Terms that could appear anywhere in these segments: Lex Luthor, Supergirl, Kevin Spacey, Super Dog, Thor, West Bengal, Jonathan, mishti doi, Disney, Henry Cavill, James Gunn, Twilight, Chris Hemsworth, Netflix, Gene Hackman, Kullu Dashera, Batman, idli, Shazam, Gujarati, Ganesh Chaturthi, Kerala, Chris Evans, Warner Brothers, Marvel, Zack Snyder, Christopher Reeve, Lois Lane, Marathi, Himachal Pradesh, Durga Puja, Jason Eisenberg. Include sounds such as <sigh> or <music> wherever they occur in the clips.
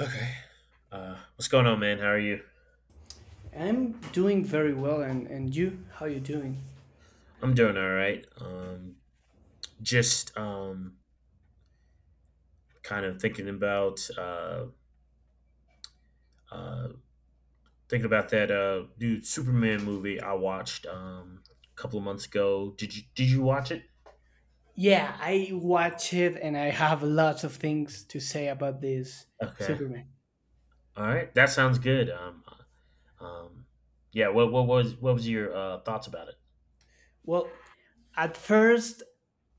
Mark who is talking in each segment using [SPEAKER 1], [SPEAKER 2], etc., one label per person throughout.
[SPEAKER 1] Okay. What's going on, man? How are you?
[SPEAKER 2] I'm doing very well, and you, how you doing?
[SPEAKER 1] I'm doing all right. Just kind of uh, thinking about that new Superman movie I watched a couple of months ago. Did you watch it?
[SPEAKER 2] Yeah, I watch it, and I have lots of things to say about this
[SPEAKER 1] Okay.
[SPEAKER 2] Superman.
[SPEAKER 1] All right. That sounds good. Um, yeah. What was your thoughts about it?
[SPEAKER 2] Well, at first,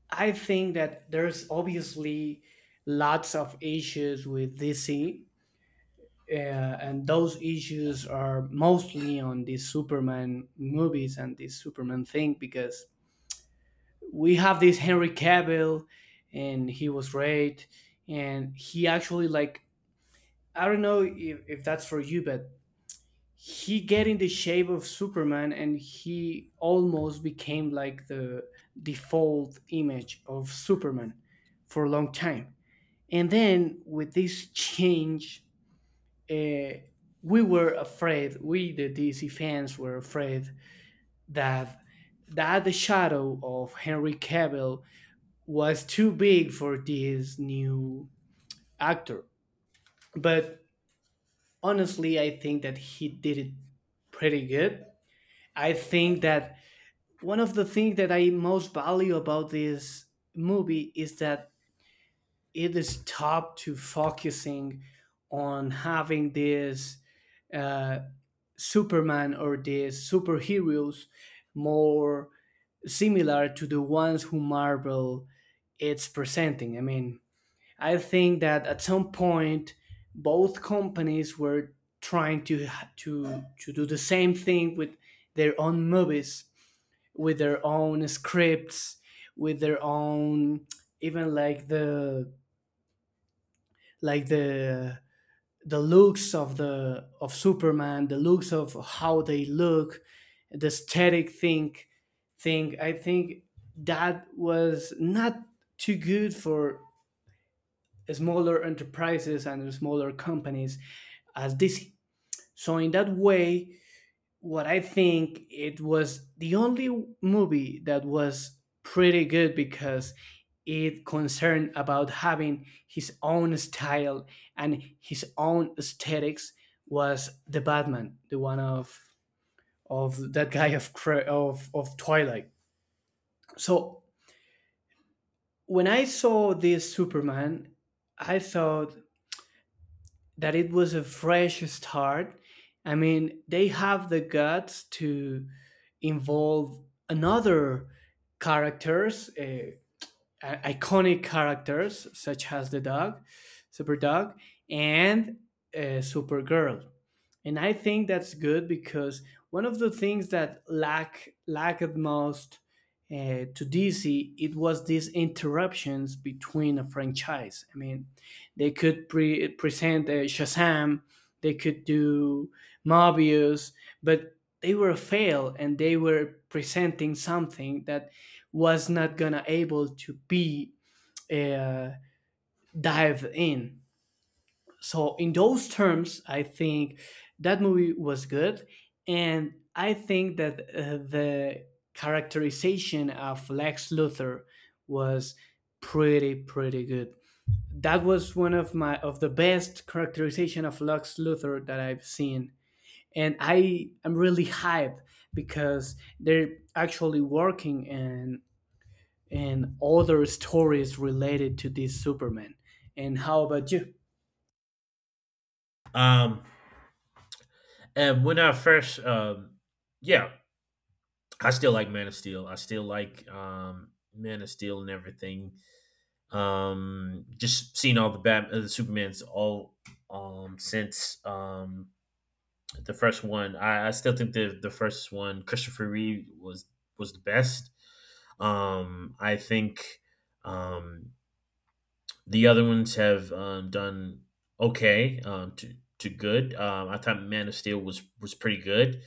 [SPEAKER 2] I think that there's obviously lots of issues with DC, and those issues are mostly on the Superman movies and the Superman thing because we have this Henry Cavill, and he was great, and he actually like I don't know if that's for you, but he get in the shape of Superman and he almost became like the default image of Superman for a long time. And then with this change, uh, we were afraid, we the DC fans were afraid that that the shadow of Henry Cavill was too big for this new actor. But honestly, I think that he did it pretty good. I think that one of the things that I most value about this movie is that it stopped to focusing on having this uh, Superman or these superheroes more similar to the ones who Marvel it's presenting. I mean, I think that at some point, both companies were trying to do the same thing with their own movies, with their own scripts, with their own even like the looks of the of Superman, the looks of how they look, the aesthetic thing. I think that was not too good for smaller enterprises and smaller companies as Disney. So in that way, what I think it was the only movie that was pretty good because it concerned about having his own style and his own aesthetics was the Batman, the one of that guy of of Twilight. So when I saw this Superman, I thought that it was a fresh start. I mean, they have the guts to involve another characters, iconic characters such as the dog, Super Dog, and Supergirl and I think that's good because one of the things that lacked most to DC it was these interruptions between a franchise. I mean, they could present Shazam, they could do Mobius, but they were a fail and they were presenting something that was not gonna able to be uh, dived in. So in those terms I think that movie was good, and I think that the characterization of Lex Luthor was pretty good. That was one of my of the best characterization of Lex Luthor that I've seen, and I am really hyped because they're actually working in other stories related to this Superman. And how about you?
[SPEAKER 1] Um, and when I first, yeah, I still like Man of Steel. I still like Man of Steel and everything. Just seeing all the the supermans all since the first one, I still think the first one, Christopher Reeve, was the best. I think um the other ones have done okay to good. I thought Man of Steel was pretty good.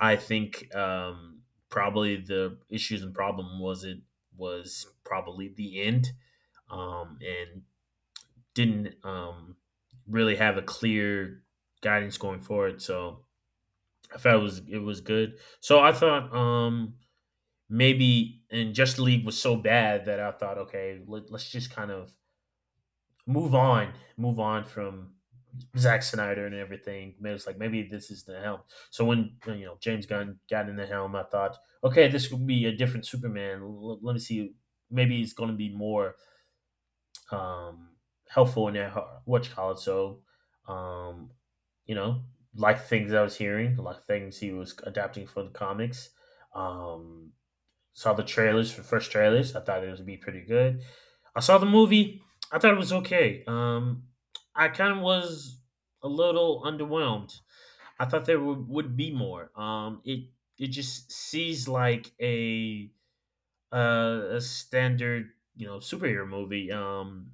[SPEAKER 1] I think probably the issues and problem was, it was probably the end, and didn't really have a clear guidance going forward. So I felt it was good. So I thought, maybe, and just the league was so bad that I thought, okay, let's just kind of move on from Zack Snyder and everything. It was like maybe this is the helm. So when, you know, James Gunn got in the helm, I thought, okay, this will be a different Superman. Let me see, maybe it's going to be more um, helpful in that, what you call it. So, um, you know, like things I was hearing, like things he was adapting for the comics. Um, Saw the trailers, for first trailers. I thought it was be pretty good. I saw the movie. I thought it was okay. I kind of was a little underwhelmed. I thought there would be more. It just sees like a standard, superhero movie.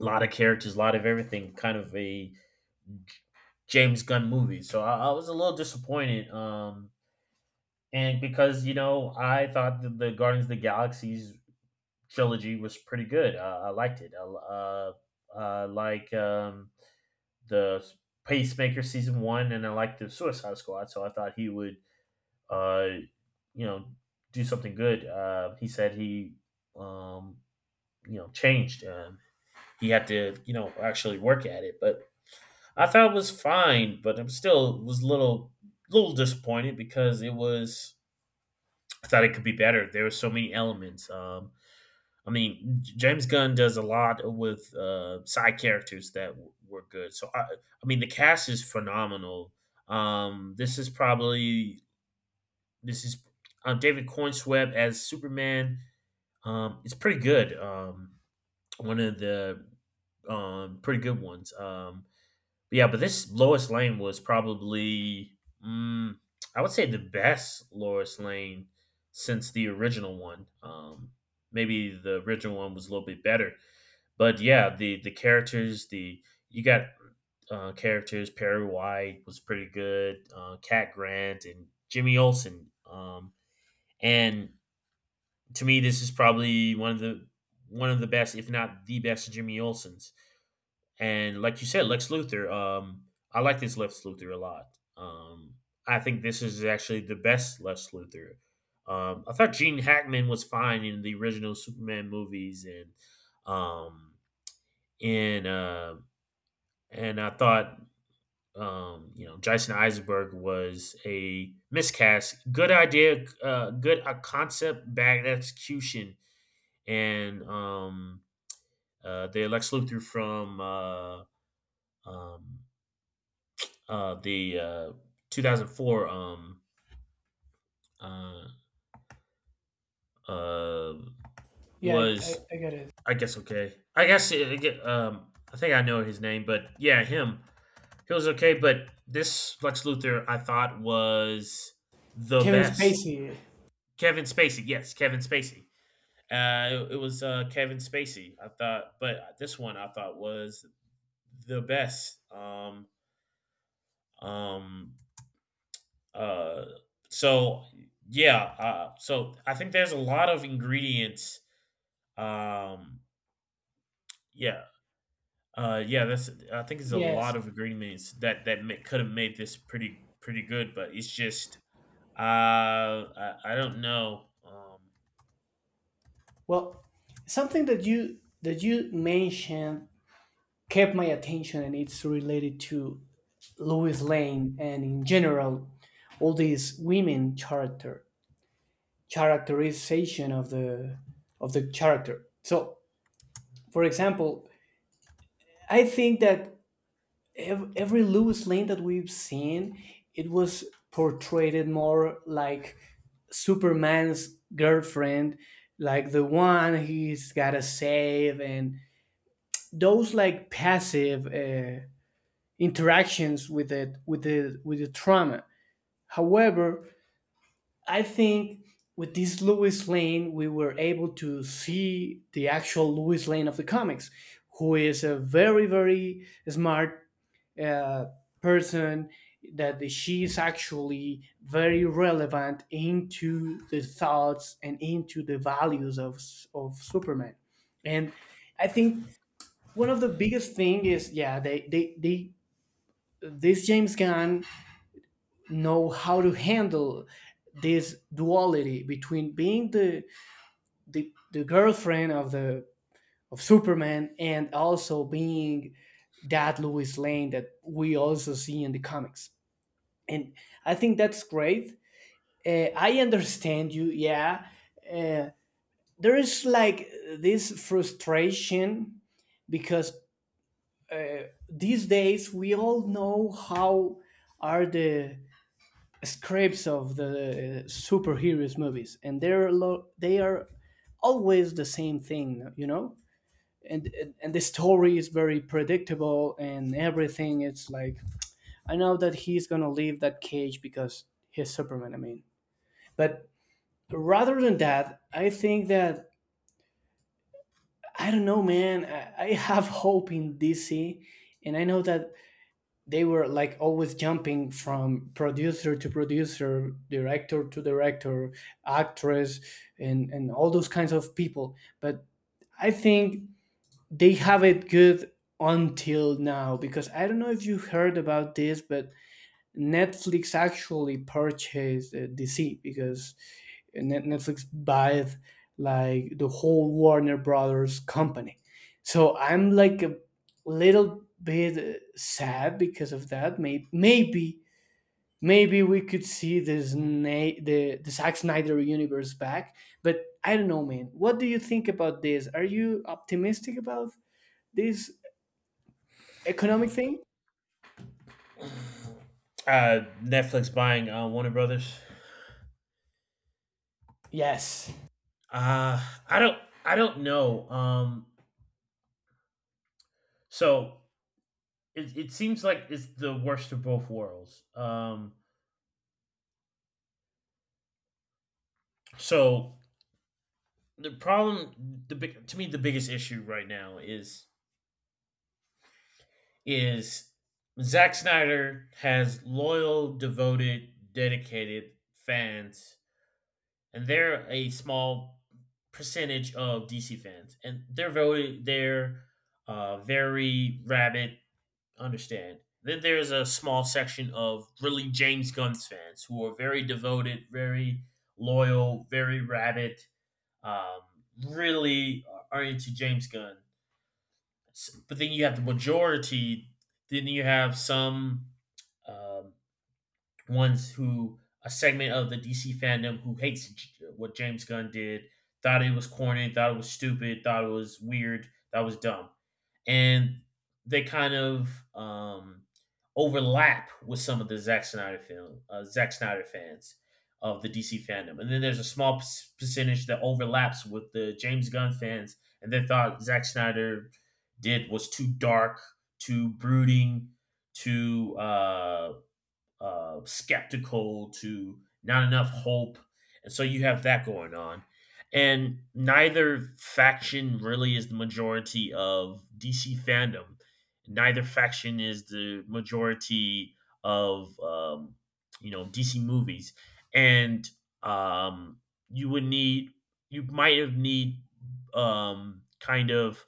[SPEAKER 1] A lot of characters, a lot of everything, kind of a James Gunn movie. So I was a little disappointed. And because, I thought that the Guardians of the Galaxy's trilogy was pretty good. I liked it. I like the Pacemaker season one, and I liked the Suicide Squad. So I thought he would, uh, you know, do something good. He said he, um, changed. He had to, actually work at it. But I thought it was fine, but I'm still was a little disappointed, because it was I thought it could be better. There were so many elements. I mean, James Gunn does a lot with side characters that were good. So I mean, the cast is phenomenal. This is probably, this is David Coinsweb as Superman. It's pretty good. One of the pretty good ones. Yeah, but this Lois Lane was probably, mm, I would say, the best Lois Lane since the original one. Maybe the original one was a little bit better, but yeah, the characters, the you got characters. Perry White was pretty good. Cat Grant and Jimmy Olsen. And to me, this is probably one of the best, if not the best, Jimmy Olsen's. And like you said, Lex Luthor, I like this Lex Luthor a lot. Um, I think this is actually the best Lex Luthor. I thought Gene Hackman was fine in the original Superman movies, um, and uh, and I thought Jason Eisenberg was a miscast. Good idea, good concept, bad execution, and the Lex Luthor from um, the 2004, uh, uh, was,
[SPEAKER 2] I got it.
[SPEAKER 1] I guess, okay. I guess it, I think I know his name, but yeah, him. He was okay, but this Lex Luthor, I thought, was the
[SPEAKER 2] Kevin
[SPEAKER 1] best.
[SPEAKER 2] Spacey.
[SPEAKER 1] Kevin Spacey, yes, Kevin Spacey. It was, Kevin Spacey, I thought, but this one I thought was the best. Um, Uh, so yeah, so I think there's a lot of ingredients. Um, yeah, yeah, that's I think there's a
[SPEAKER 2] Yes.
[SPEAKER 1] lot of ingredients that could have made this pretty good, but it's just, I don't know.
[SPEAKER 2] Well, something that you mentioned kept my attention, and it's related to Louis Lane and in general all these women characterization of the character. So, for example, I think that every Lewis Lane that we've seen, it was portrayed more like Superman's girlfriend, like the one he's gotta save, and those like passive interactions with it with the trauma. However, I think with this Lewis Lane, we were able to see the actual Lewis Lane of the comics, who is a very very smart uh, person that she is actually very relevant into the thoughts and into the values of Superman. And I think one of the biggest thing is yeah they this James Gunn know how to handle this duality between being the girlfriend of the of Superman and also being that Lois Lane that we also see in the comics. And I think that's great. I understand you, yeah. uh, there is like this frustration because uh, these days we all know how are the scripts of the superheroes movies, and they are always the same thing, you know. And the story is very predictable and everything. It's like I know that he's gonna leave that cage because he's Superman, I mean. But rather than that, I think that I don't know, man. I have hope in DC, and I know that they were like always jumping from producer to producer, director to director, actress, and all those kinds of people. But I think they have it good until now because I don't know if you heard about this, but Netflix actually purchased DC because Netflix buys like the whole Warner Brothers company. So I'm like a little bit sad because of that. Maybe maybe maybe we could see this the Zack Snyder universe back, but I don't know, man. What do you think about this? Are you optimistic about this economic thing?
[SPEAKER 1] <sighs> <clears throat> Netflix buying Warner Brothers.
[SPEAKER 2] Yes.
[SPEAKER 1] Uh, I don't I don't know. So it seems like it's the worst of both worlds. So, the problem the big to me, the biggest issue right now is Zack Snyder has loyal, devoted, dedicated fans, and they're a small percentage of DC fans, and they're very rabid. Understand? Then there's a small section of really James Gunn's fans who are very devoted, very loyal, very rabid. Um, Really are into James Gunn, but then you have the majority. Then you have some, um, ones who, a segment of the DC fandom who hates what James Gunn did, thought it was corny, thought it was stupid, thought it was weird, that was dumb, and they kind of um, overlap with some of the Zack Snyder film, Zack Snyder fans of the DC fandom, and then there's a small percentage that overlaps with the James Gunn fans, and they thought Zack Snyder did was too dark, too brooding, too. Skeptical to not enough hope. And so you have that going on. And neither faction really is the majority of DC fandom. Neither faction is the majority of, DC movies. And um, you would need, you might have need, kind of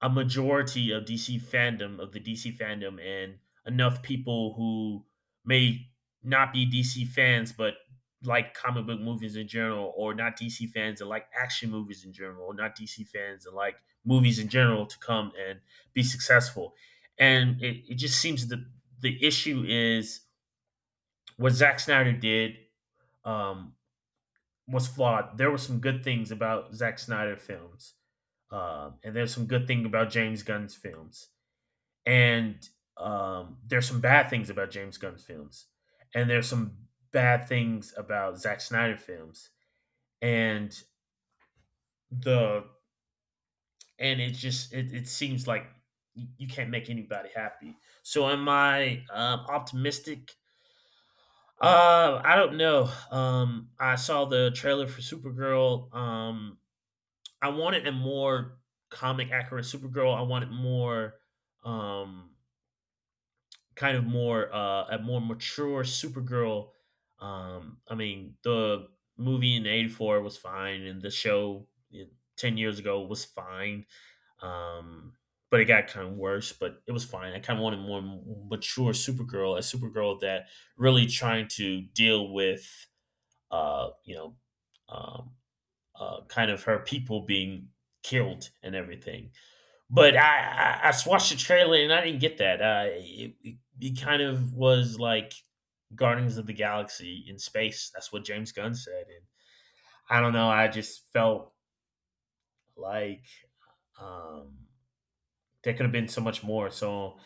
[SPEAKER 1] a majority of DC fandom, of the DC fandom, and enough people who may not be DC fans, but like comic book movies in general, or not DC fans and like action movies in general, or not DC fans and like movies in general, to come and be successful. And it just seems that the issue is, what Zack Snyder did, um, was flawed. There were some good things about Zack Snyder films, and there's some good thing about James Gunn's films. And there's some bad things about James Gunn's films, and there's some bad things about Zack Snyder films, and the and it just it seems like you can't make anybody happy. So am I, optimistic? I don't know. I saw the trailer for Supergirl. I wanted a more comic accurate Supergirl. I wanted more, um kind of more, a more mature Supergirl. I mean, the movie in '84 was fine, and the show, eh, 10 years ago, was fine. Um, but it got kind of worse, but it was fine. I kind of wanted more mature Supergirl, a Supergirl that really trying to deal with, uh, you know, um, kind of her people being killed and everything. But I watched the trailer and I didn't get that. It kind of was like Guardians of the Galaxy in space. That's what James Gunn said, and I don't know, I just felt like, um, there could have been so much more. So,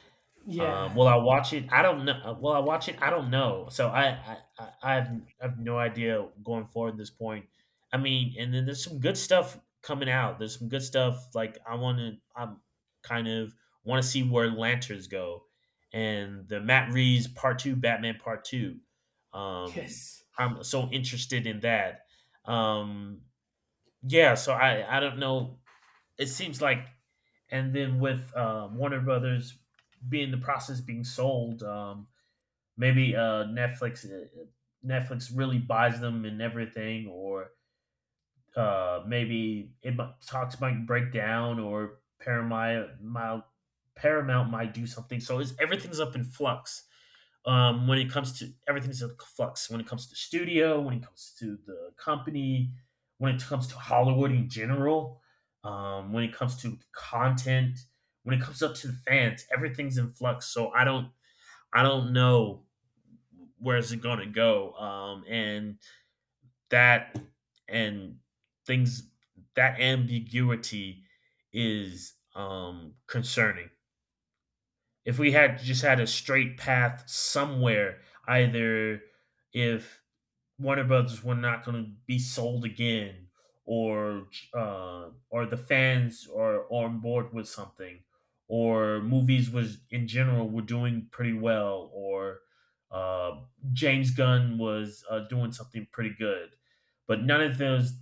[SPEAKER 2] Yeah.
[SPEAKER 1] will I watch it? I don't know. Will I watch it? I don't know. So I have no idea going forward at this point. I mean, and then there's some good stuff coming out. There's some good stuff. Like, I'm kind of want to see where Lanterns go, and the Matt Reeves Part Two, Batman Part Two. Um,
[SPEAKER 2] Yes.
[SPEAKER 1] I'm so interested in that. Um, yeah. So I don't know, it seems like, and then with, Warner Brothers being the process being sold, maybe, Netflix really buys them and everything, or, maybe talks might break down, or Paramount might do something. So it's, everything's up in flux. When it comes to, everything's in flux, when it comes to studio, when it comes to the company, when it comes to Hollywood in general, when it comes to content, when it comes up to the fans, everything's in flux. So I don't know where's it going to go. And that, and things, that ambiguity is concerning, if we had just had a straight path somewhere, either if Warner Brothers were not going to be sold again, or, the fans are on board with something, or movies was in general were doing pretty well, or, uh, James Gunn was, doing something pretty good, but none of those.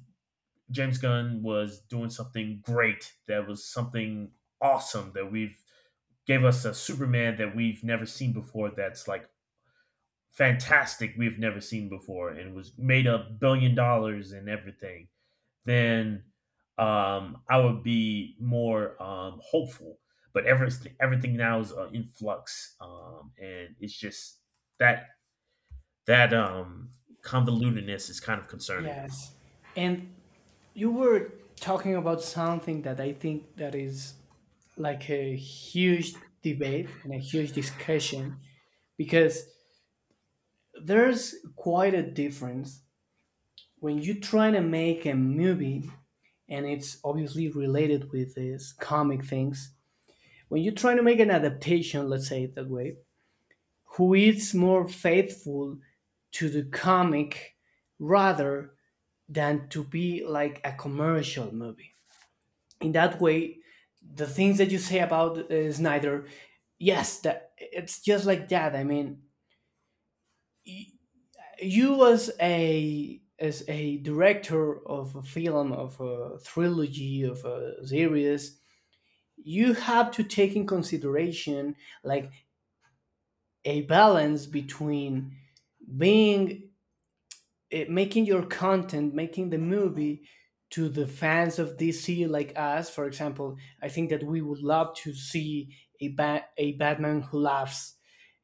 [SPEAKER 1] James Gunn was doing something great, that was something awesome that we've gave us a Superman that we've never seen before, that's like fantastic, we've never seen before, and was made $1 billion and everything, then, I would be more, hopeful. But everything now is in flux, and it's just that that convolutedness is kind of concerning.
[SPEAKER 2] Yes. And you were talking about something that I think that is like a huge debate and a huge discussion because there's quite a difference when you try to make a movie and it's obviously related with these comic things. When you try to make an adaptation, let's say it that way, who is more faithful to the comic rather than to be like a commercial movie. In that way, the things that you say about Snyder, yes, that it's just like that. I mean, you as a director of a film, of a trilogy, of a series, you have to take in consideration like a balance between being it, making your content, making the movie to the fans of DC like us. For example, I think that we would love to see a a Batman who laughs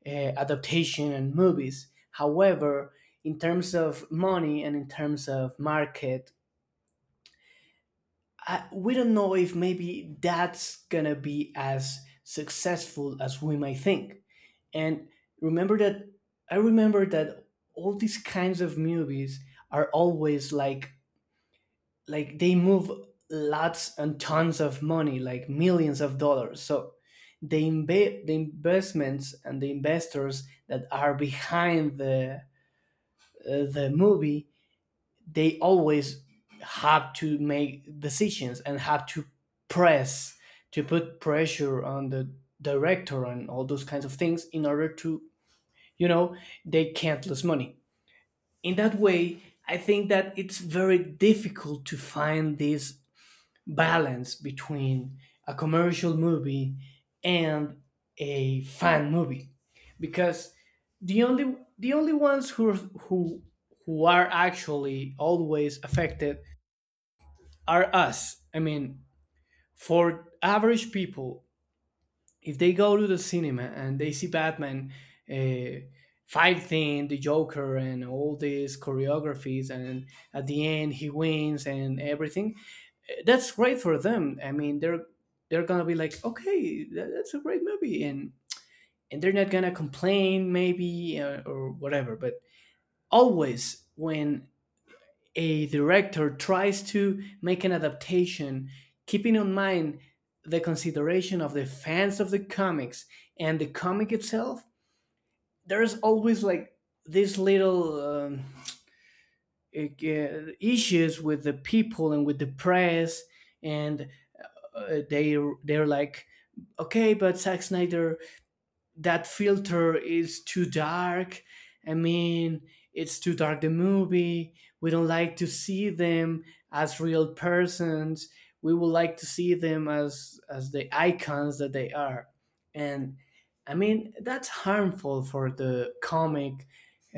[SPEAKER 2] uh, adaptation and movies. However, in terms of money and in terms of market, I, we don't know if maybe that's gonna be as successful as we might think. And remember that I remember that all these kinds of movies are always like they move lots and tons of money, like millions of dollars. So the investments and the investors that are behind the movie, they always have to make decisions and have to press to put pressure on the director and all those kinds of things in order to you know they can't lose money. In that way I think that it's very difficult to find these balance between a commercial movie and a fan movie, because the only ones who who are actually always affected are us, I mean. For average people, if they go to the cinema and they see Batman uh, fighting the Joker and all these choreographies and at the end he wins and everything, that's great for them. I mean, they're gonna be like, okay, that's a great movie, and they're not gonna complain maybe or whatever. But always when a director tries to make an adaptation, keeping in mind the consideration of the fans of the comics and the comic itself, there's always like these little issues with the people and with the press, and they they're like okay but Zack Snyder that filter is too dark. I mean, it's too dark. The movie, we don't like to see them as real persons. We would like to see them as the icons that they are. And I mean that's harmful for the comic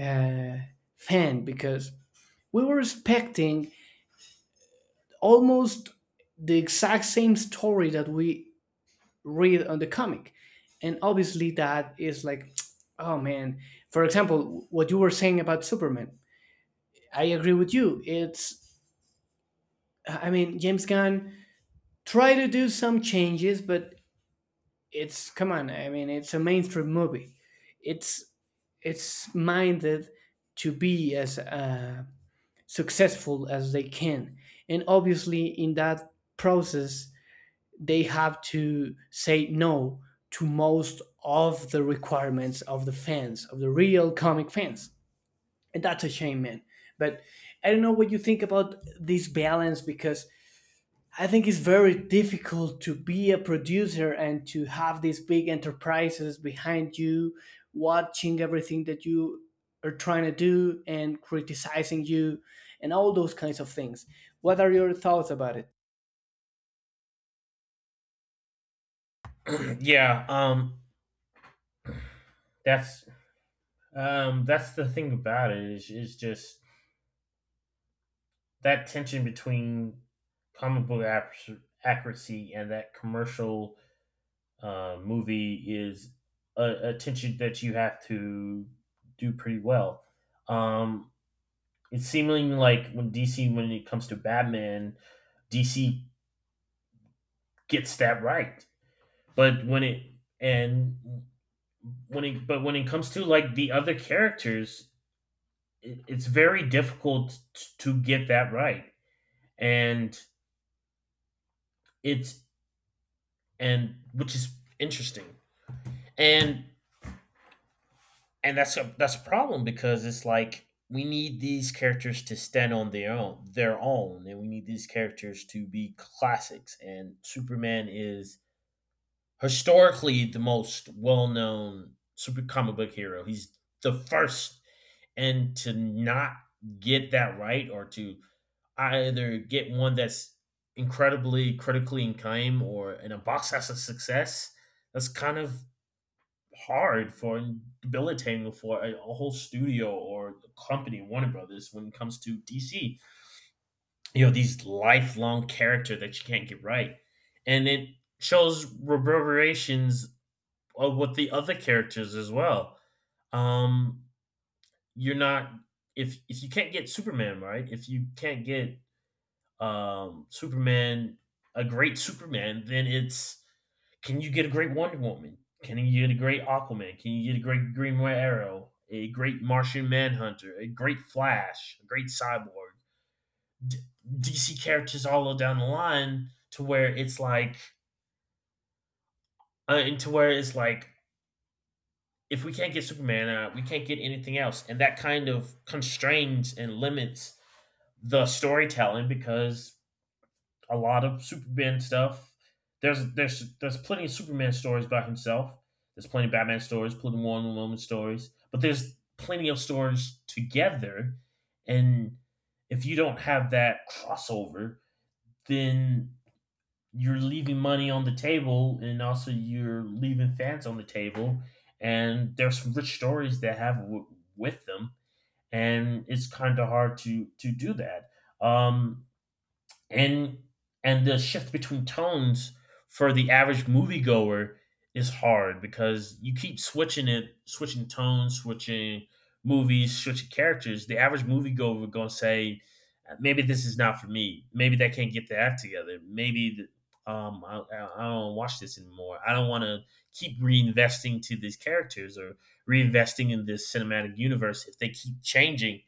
[SPEAKER 2] uh, fan because we were expecting almost the exact same story that we read on the comic. And obviously that is like <tsk> oh man. For example, what you were saying about Superman, I agree with you. It's I mean James Gunn try to do some changes, but it's come on, I mean, it's a mainstream movie. it's it's minded to be as successful as they can. And obviously in that process they have to say no to most of the requirements of the fans, of the real comic fans. And that's a shame, man. But I don't know what you think about this balance because I think it's very difficult to be a producer and to have these big enterprises behind you watching everything that you are trying to do and criticizing you and all those kinds of things. What are your thoughts about it?
[SPEAKER 1] <clears throat> Yeah. that's that's the thing about it is just that tension between comic book accuracy and that commercial movie is a attention that you have to do pretty well. Um, it's seeming like when DC, when it comes to Batman, DC gets that right. But when it and when it but when it comes to like the other characters, it's very difficult to get that right, and it's and which is interesting. And and that's a problem because it's like we need these characters to stand on their own, and we need these characters to be classics. And Superman is historically the most well-known super comic book hero. He's the first, and to not get that right, or to either get one that's incredibly critically acclaimed or in a box as a success, that's kind of hard for, debilitating for a whole studio or company, Warner Brothers, when it comes to DC. You know, these lifelong character that you can't get right, and it shows reverberations of what the other characters as well. Um, you're not, if you can't get Superman right, if you can't get Superman, a great Superman, then it's, can you get a great Wonder Woman? Can you get a great Aquaman? Can you get a great Green Arrow? A great Martian Manhunter? A great Flash? A great Cyborg? D- DC characters all down the line, to where it's like, and to where it's like, if we can't get Superman, we can't get anything else, and that kind of constrains and limits the storytelling. Because a lot of Superman stuff, there's plenty of Superman stories by himself. There's plenty of Batman stories, plenty of Wonder Woman stories, but there's plenty of stories together. And if you don't have that crossover, then you're leaving money on the table, and also you're leaving fans on the table. And there's some rich stories that have with them, and it's kind of hard to do that. Um, and the shift between tones for the average moviegoer is hard because you keep switching it, switching tones, switching movies, switching characters. The average moviegoer gonna say, maybe this is not for me. Maybe they can't get their act together. Maybe I, I don't watch this anymore. I don't want to keep reinvesting to these characters, or reinvesting in this cinematic universe, if they keep changing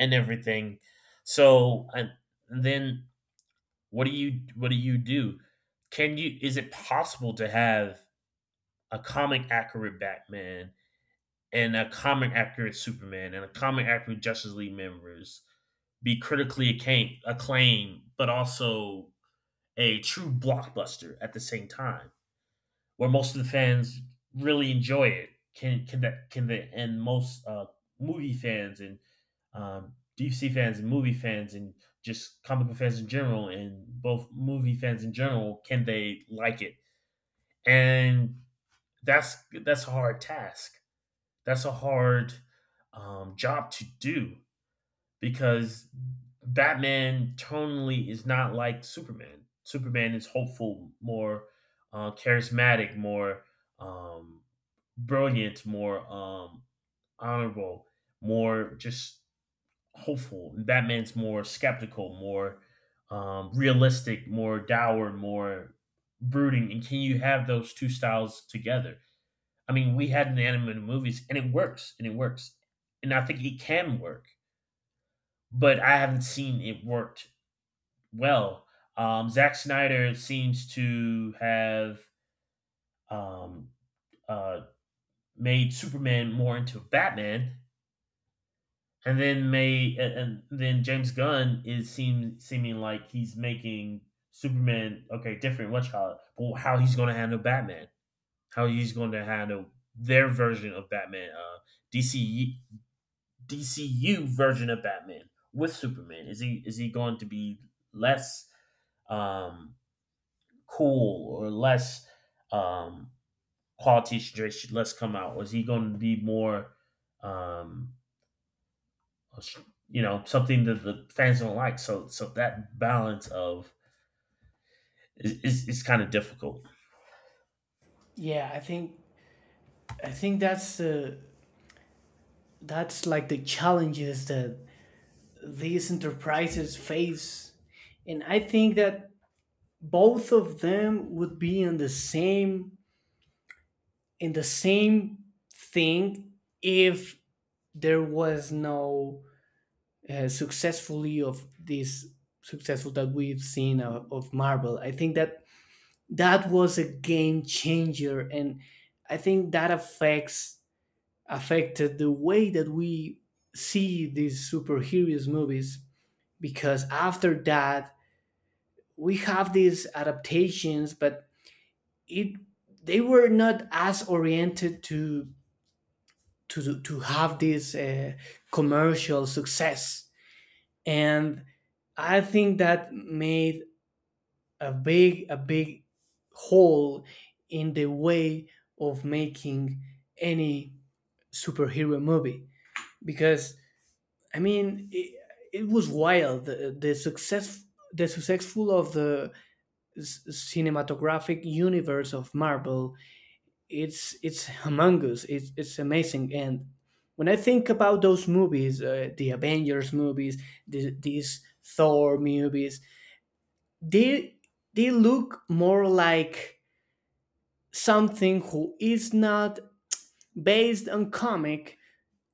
[SPEAKER 1] and everything. So and then what do you, what do you do? Can you, is it possible to have a comic accurate Batman and a comic accurate Superman and a comic accurate Justice League members be acclaimed, but also a true blockbuster at the same time, where most of the fans really enjoy it? Can that can the and most movie fans and deep sea fans and movie fans and just comic book fans in general and both movie fans in general, can they like it? And that's that's a hard task. That's a hard job to do, because Batman tonally is not like Superman. Superman is hopeful, more charismatic, more um, brilliant, more honorable, more just hopeful. Batman's more skeptical, more realistic, more dour, more brooding. And can you have those two styles together? I mean, we had an animated movies, and it works, and I think it can work, but I haven't seen it worked well. Zack Snyder seems to have um, uh, made Superman more into Batman, and then James Gunn is seeming like he's making Superman okay different. What you call it? But how he's going to handle Batman? How he's going to handle their version of Batman? DC, DCU version of Batman with Superman? Is he going to be less um, cool, or less um, quality straight less come out? Or is he going to be more um, you know something that the fans don't like? So that balance of is kind of difficult.
[SPEAKER 2] Yeah, I think that's like the challenges that these enterprises face. And I think that both of them would be in the same thing if there was no successfully of this successful that we've seen of Marvel. I think that that was a game changer, and I think that affects affected the way that we see these superheroes movies because after that we have these adaptations but it they were not as oriented to have this commercial success. And I think that made a big hole in the way of making any superhero movie because I mean it, it was wild the success the successful of the cinematographic universe of Marvel. It's humongous. It's amazing. And when I think about those movies, the Avengers movies, these Thor movies, they they look more like something who is not based on comic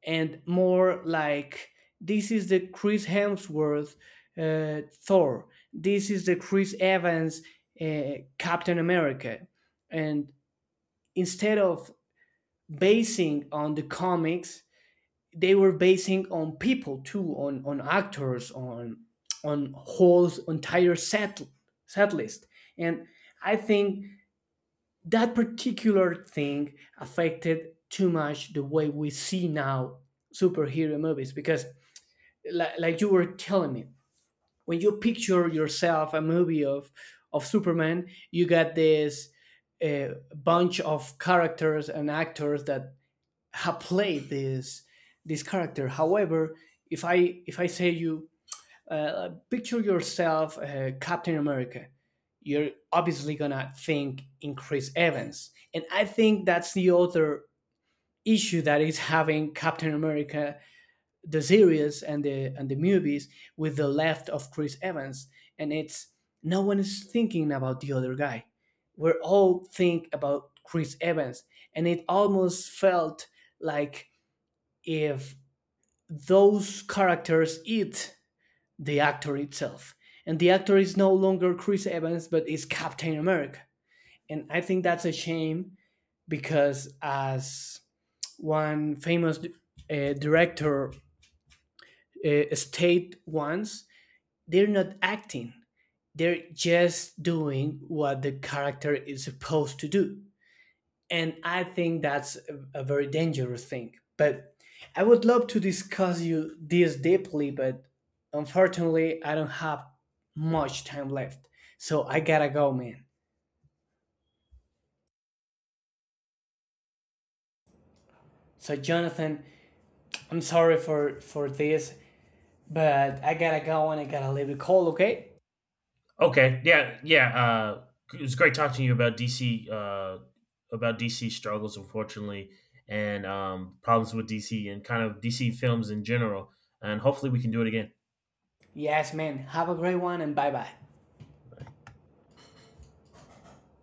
[SPEAKER 2] and more like this is the Chris Hemsworth Thor. This is the Chris Evans Captain America. And instead of basing on the comics, they were basing on people too, on actors, on whole entire set list. And I think that particular thing affected too much the way we see now superhero movies because like you were telling me when you picture yourself a movie of Superman you got this a bunch of characters and actors that have played this this character. However, if I say you picture yourself Captain America, you're obviously gonna think in Chris Evans, and I think that's the other issue that is having Captain America the series and the movies with the left of Chris Evans, and it's no one is thinking about the other guy. We're all think about Chris Evans, and it almost felt like if those characters eat the actor itself. And the actor is no longer Chris Evans, but is Captain America. And I think that's a shame because, as one famous director stated once, they're not acting, they're just doing what the character is supposed to do. And I think that's a very dangerous thing. But I would love to discuss you this deeply, but unfortunately, I don't have much time left, so I gotta go, man. So Jonathan, I'm sorry for this, but I gotta go and I gotta leave the call, okay?
[SPEAKER 1] Okay. Yeah. Yeah. It was great talking to you about DC. About DC struggles, unfortunately, and problems with DC and kind of DC films in general. And hopefully, we can do it again.
[SPEAKER 2] Yes, man. Have a great one and bye bye.